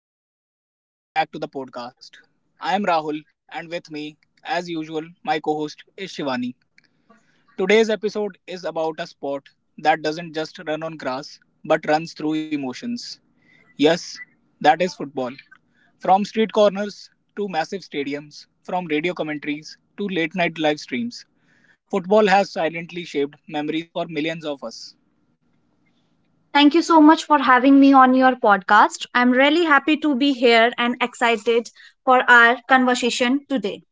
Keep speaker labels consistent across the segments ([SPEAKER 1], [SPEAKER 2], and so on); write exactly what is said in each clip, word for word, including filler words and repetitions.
[SPEAKER 1] everyone, and welcome back to the podcast. I am Rahul, and with me, as usual, my co host is Shivani. Today's episode is about a sport that doesn't just run on grass but runs through emotions. Yes, that is football. From street corners to massive stadiums, from radio commentaries to late night live streams, football has silently shaped memories for millions of us.
[SPEAKER 2] Thank you so much for having me on your podcast. I'm really happy to be here and excited for our conversation today.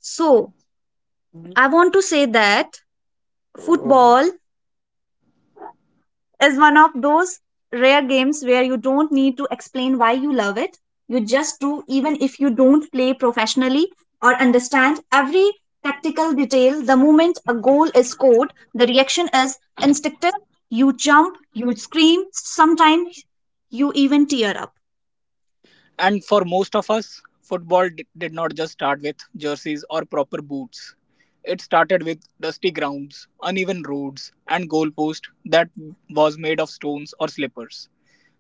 [SPEAKER 2] So, I want to say that football is one of those rare games where you don't need to explain why you love it. You just do, even if you don't play professionally or understand every tactical detail. The moment a goal is scored, the reaction is instinctive. You jump, you scream, sometimes you even tear up.
[SPEAKER 1] And for most of us, football d- did not just start with jerseys or proper boots. It started with dusty grounds, uneven roads, and goalpost that was made of stones or slippers.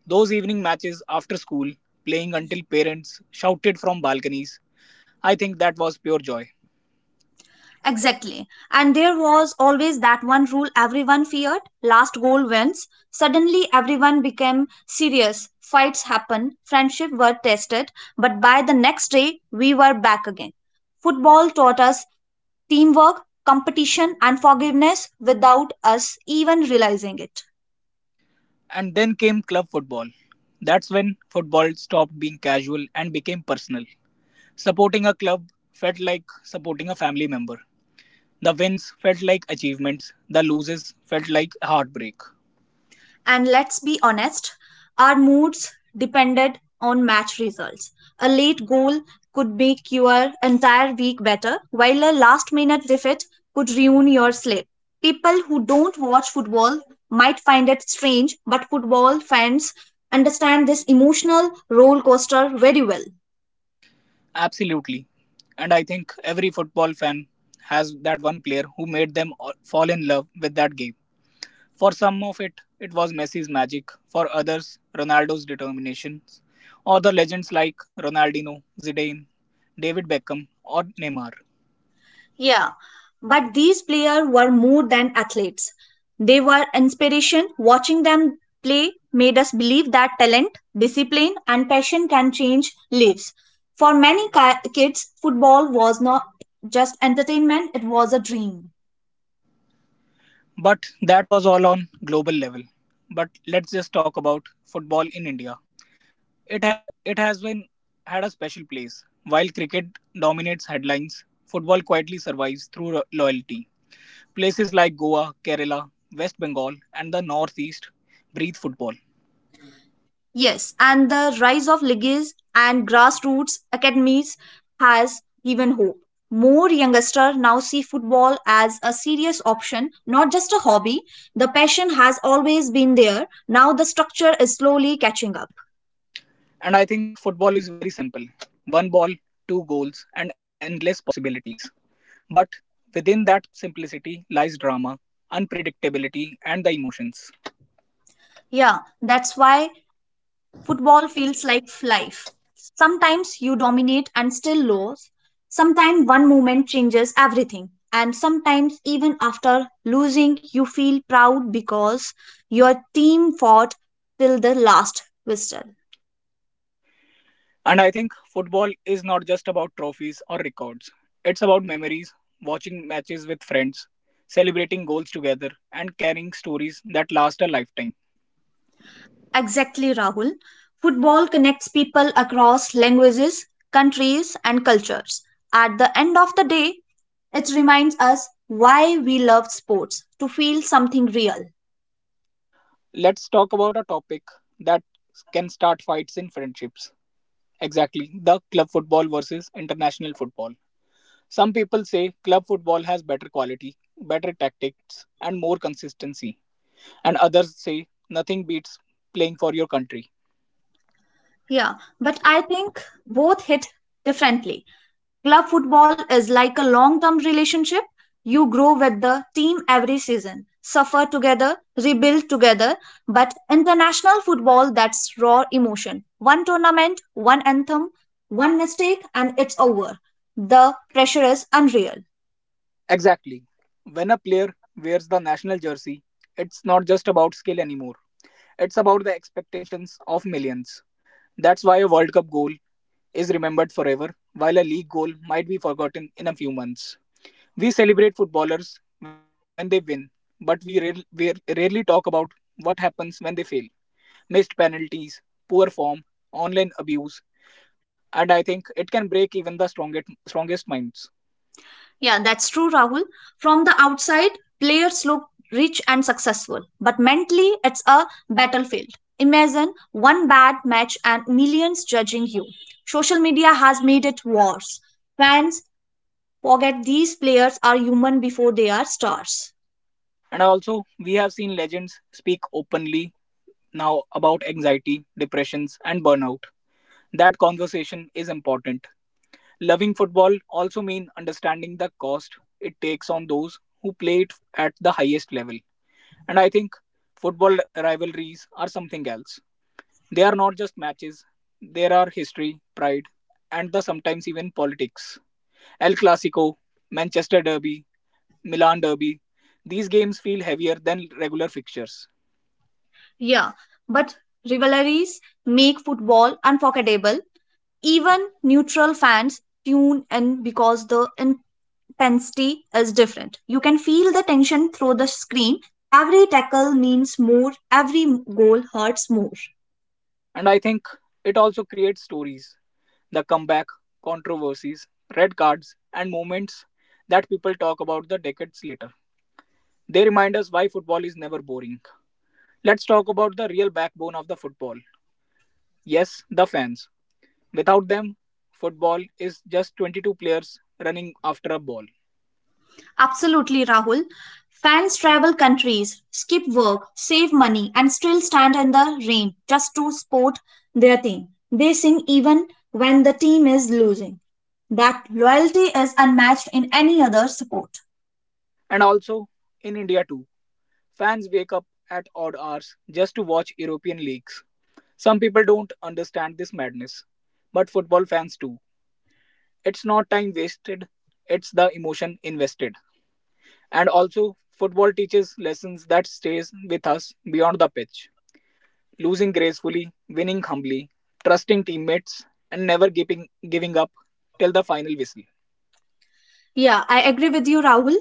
[SPEAKER 1] Those evening matches after school, playing until parents shouted from balconies, I think that was pure joy.
[SPEAKER 2] Exactly. And there was always that one rule everyone feared last goal wins. Suddenly, everyone became serious. Fights happened, friendships were tested, but by the next day, we were back again. Football taught us teamwork, competition, and forgiveness without us even realizing it.
[SPEAKER 1] And then came club football. That's when football stopped being casual and became personal. Supporting a club felt like supporting a family member. The wins felt like achievements, the losses felt like heartbreak.
[SPEAKER 2] And let's be honest, our moods depended on match results. A late goal could make your entire week better, while a last minute defeat could ruin your sleep. People who don't watch football might find it strange, but football fans understand this emotional roller coaster very well.
[SPEAKER 1] Absolutely. And I think every football fan has that one player who made them all- fall in love with that game. For some of it, it was Messi's magic. For others, Ronaldo's determination. Or the legends like Ronaldinho, Zidane, David Beckham, or Neymar.
[SPEAKER 2] Yeah, but these players were more than athletes. They were inspiration. Watching them play made us believe that talent, discipline, and passion can change lives. For many ki- kids, football was not just entertainment, it was a dream.
[SPEAKER 1] But that was all on global level. But let's just talk about football in India. It, ha- it has been had a special place. While cricket dominates headlines, football quietly survives through ro- loyalty. Places like Goa, Kerala, West Bengal, and the Northeast breathe football.
[SPEAKER 2] Yes, and the rise of leagues and grassroots academies has given hope. More youngsters now see football as a serious option, not just a hobby. The passion has always been there. Now the structure is slowly catching up.
[SPEAKER 1] And I think football is very simple, one ball, two goals, and endless possibilities. But within that simplicity lies drama, unpredictability, and the emotions.
[SPEAKER 2] Yeah, that's why football feels like life. Sometimes you dominate and still lose. Sometimes one moment changes everything. And sometimes, even after losing, you feel proud because your team fought till the last whistle.
[SPEAKER 1] And I think football is not just about trophies or records. It's about memories, watching matches with friends, celebrating goals together, and carrying stories that last a lifetime.
[SPEAKER 2] Exactly, Rahul. Football connects people across languages, countries, and cultures. At the end of the day, it reminds us why we love sports to feel something real.
[SPEAKER 1] Let's talk about a topic that can start fights in friendships. Exactly, the club football versus international football. Some people say club football has better quality, better tactics, and more consistency, and others say nothing beats playing for your country.
[SPEAKER 2] Yeah, but I think both hit differently. Club football is like a long term relationship. You grow with the team every season, suffer together, rebuild together. But international football, that's raw emotion. One tournament, one anthem, one mistake, and it's over. The pressure is unreal.
[SPEAKER 1] Exactly. When a player wears the national jersey, it's not just about skill anymore. It's about the expectations of millions. That's why a World Cup goal is remembered forever, while a league goal might be forgotten in a few months. We celebrate footballers when they win, but we, rare, we rarely talk about what happens when they fail. Missed penalties, poor form, online abuse, and I think it can break even the strongest, strongest minds.
[SPEAKER 2] Yeah, that's true, Rahul. From the outside, players look rich and successful, but mentally, it's a battlefield. Imagine one bad match and millions judging you. Social media has made it worse. Fans forget these players are human before they are stars.
[SPEAKER 1] And also, we have seen legends speak openly now about anxiety, depressions, and burnout. That conversation is important. Loving football also means understanding the cost it takes on those who play it at the highest level. And I think football rivalries are something else. They are not just matches, there are history, pride, and the sometimes even politics. El Clasico, Manchester Derby, Milan Derby, these games feel heavier than regular fixtures.
[SPEAKER 2] Yeah, but rivalries make football unforgettable. Even neutral fans tune in because the intensity is different. You can feel the tension through the screen. Every tackle means more, every goal hurts more.
[SPEAKER 1] And I think it also creates stories. The comeback, controversies, red cards, and moments that people talk about the decades later. They remind us why football is never boring. Let's talk about the real backbone of the football. Yes, the fans. Without them, football is just twenty-two players running after a ball.
[SPEAKER 2] Absolutely, Rahul. Fans travel countries, skip work, save money, and still stand in the rain just to support their team. They sing even when the team is losing. That loyalty is unmatched in any other sport.
[SPEAKER 1] And also, in India too, fans wake up at odd hours just to watch European leagues. Some people don't understand this madness, but football fans do. It's not time wasted, it's the emotion invested. And also, football teaches lessons that stays with us beyond the pitch. Losing gracefully, winning humbly, trusting teammates, and never giving giving up till the final whistle.
[SPEAKER 2] Yeah, I agree with you, Rahul.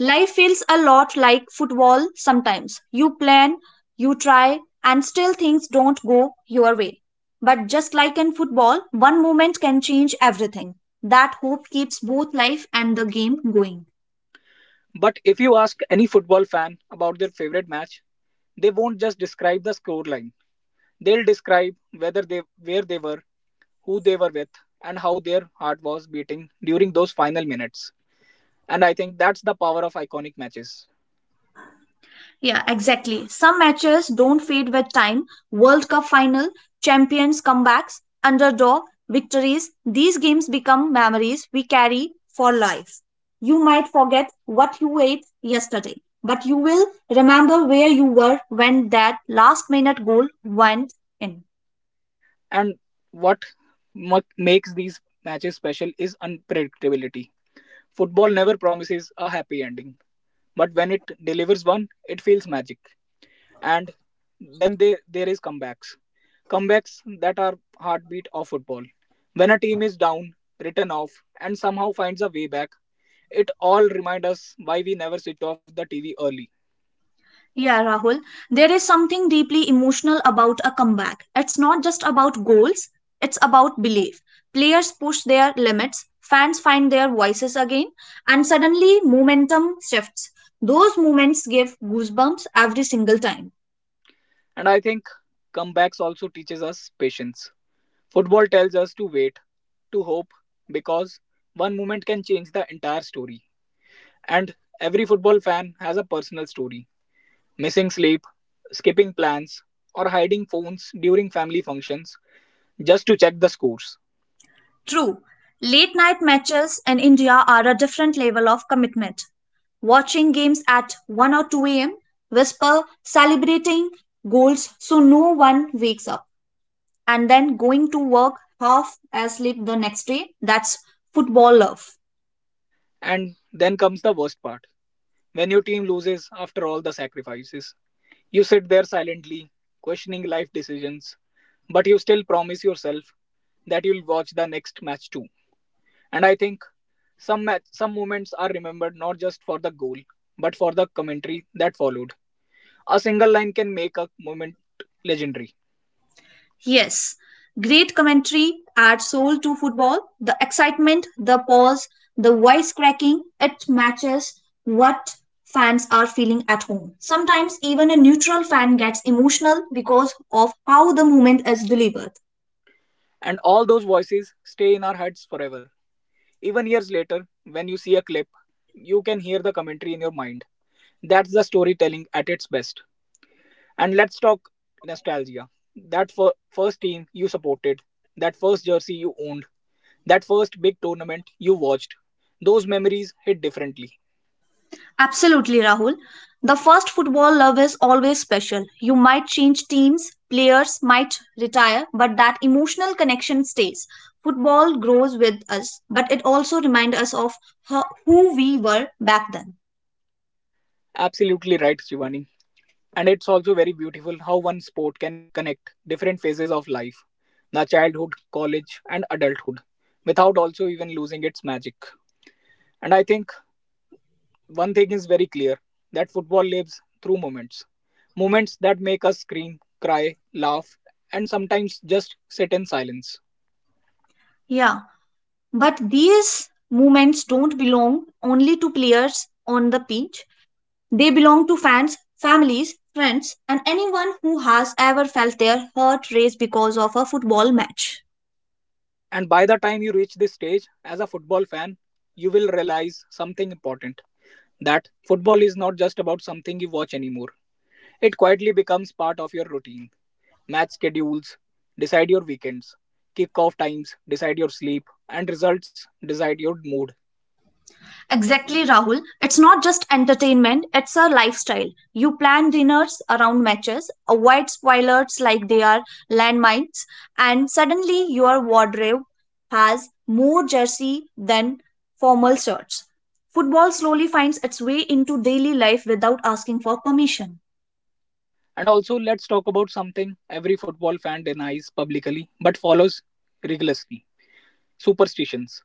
[SPEAKER 2] Life feels a lot like football sometimes. You plan, you try, and still things don't go your way. But just like in football, one moment can change everything. That hope keeps both life and the game going.
[SPEAKER 1] But if you ask any football fan about their favorite match, they won't just describe the scoreline. They'll describe whether they where they were, who they were with, and how their heart was beating during those final minutes. And I think that's the power of iconic matches.
[SPEAKER 2] Yeah, exactly. Some matches don't fade with time. World Cup final, champions comebacks, underdog victories. These games become memories we carry for life. You might forget what you ate yesterday, but you will remember where you were when that last minute goal went in.
[SPEAKER 1] And what mu- makes these matches special is unpredictability. Football never promises a happy ending, but when it delivers one, it feels magic. And then they, there is comebacks. Comebacks that are heartbeat of football. When a team is down, written off, and somehow finds a way back, it all remind us why we never switch off the T V early.
[SPEAKER 2] Yeah, Rahul, there is something deeply emotional about a comeback. It's not just about goals, it's about belief. Players push their limits, fans find their voices again, and suddenly momentum shifts. Those moments give goosebumps every single time.
[SPEAKER 1] And I think comebacks also teaches us patience. Football tells us to wait, to hope, because one moment can change the entire story. And every football fan has a personal story. Missing sleep, skipping plans, or hiding phones during family functions just to check the scores.
[SPEAKER 2] True, late night matches in India are a different level of commitment. Watching games at one or two a m, whisper, celebrating goals so no one wakes up and then going to work half asleep the next day. That's football love.
[SPEAKER 1] And then comes the worst part when your team loses after all the sacrifices. You sit there silently, questioning life decisions, but you still promise yourself that you'll watch the next match too. And I think some match, some moments are remembered not just for the goal, but for the commentary that followed. A single line can make a moment legendary,
[SPEAKER 2] Yes, great commentary adds soul to football. The excitement, the pause, the voice cracking, it matches what fans are feeling at home. Sometimes even a neutral fan gets emotional because of how the moment is delivered.
[SPEAKER 1] and all those voices stay in our heads forever. Even years later, when you see a clip, you can hear the commentary in your mind. That's the storytelling at its best. And let's talk nostalgia. That fir- first team you supported, that first jersey you owned, that first big tournament you watched. Those memories hit differently.
[SPEAKER 2] Absolutely, Rahul. The first football love is always special. You might change teams, players might retire, but that emotional connection stays. Football grows with us, but it also reminds us of ho- who we were back then.
[SPEAKER 1] Absolutely right, Shivani. And it's also very beautiful how one sport can connect different phases of life, the childhood, college, and adulthood, without also even losing its magic. And I think one thing is very clear, that football lives through moments, moments that make us scream, cry, laugh, and sometimes just sit in silence.
[SPEAKER 2] Yeah, but these moments don't belong only to players on the pitch. They belong to fans, families, friends, and anyone who has ever felt their heart race because of a football match.
[SPEAKER 1] And by the time you reach this stage as a football fan, you will realize something important, that football is not just about something you watch anymore. It quietly becomes part of your routine. Match schedules decide your weekends, kick-off times decide your sleep, and results decide your mood.
[SPEAKER 2] Exactly, Rahul. It's not just entertainment, it's a lifestyle. You plan dinners around matches, avoid spoilers like they are landmines, and suddenly your wardrobe has more jersey than formal shirts. Football slowly finds its way into daily life without asking for permission.
[SPEAKER 1] And also, let's talk about something every football fan denies publicly but follows rigorously, superstitions.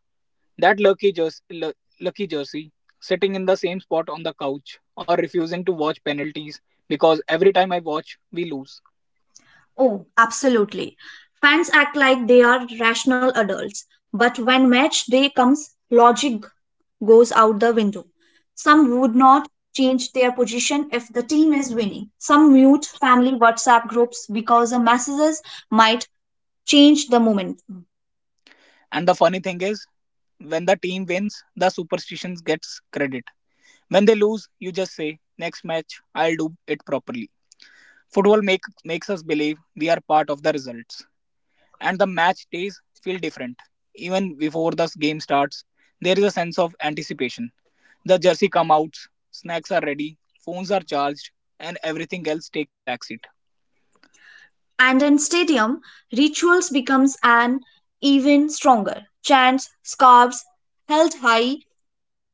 [SPEAKER 1] That lucky, jers- lu- lucky jersey, sitting in the same spot on the couch, or refusing to watch penalties because every time I watch, we lose.
[SPEAKER 2] Oh, absolutely. Fans act like they are rational adults, but when match day comes, logic goes out the window. Some would not change their position if the team is winning. Some mute family WhatsApp groups because the messages might change the momentum.
[SPEAKER 1] And the funny thing is, when the team wins, the superstitions gets credit. When they lose, you just say, next match, I'll do it properly. Football make, makes us believe we are part of the results. And the match days feel different. Even before the game starts, there is a sense of anticipation. The jersey come out, snacks are ready, phones are charged, and everything else takes a backseat.
[SPEAKER 2] And in stadium, rituals becomes an even stronger. Chants, scarves held high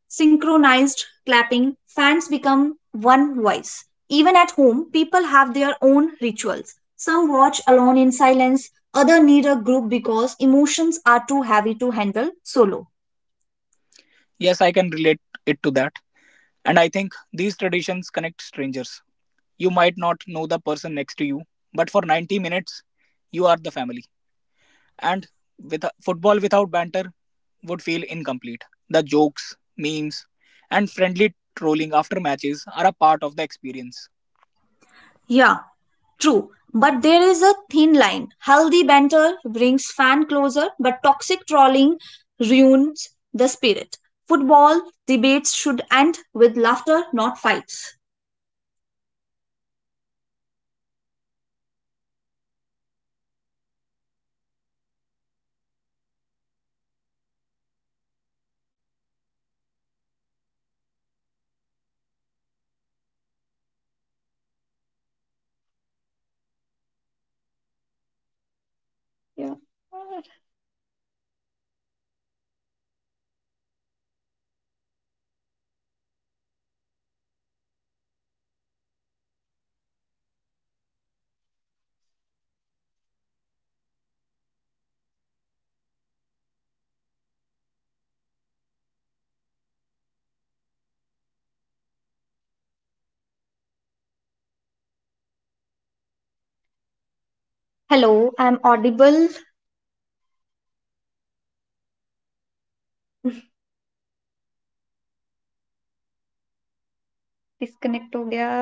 [SPEAKER 2] synchronized clapping, fans become one voice. Even at home, people have their own rituals. Some watch alone in silence, others need a group because emotions are too heavy to handle solo.
[SPEAKER 1] Yes, I can relate it to that. And I think these traditions connect strangers. You might not know the person next to you, but for ninety minutes, you are the family. And with football, without banter would feel incomplete. The jokes, memes, and friendly trolling after matches are a part of the experience.
[SPEAKER 2] Yeah, true. But there is a thin line. Healthy banter brings fan closer, but toxic trolling ruins the spirit. Football debates should end with laughter, not fights. Hello, I'm audible. Disconnect हो गया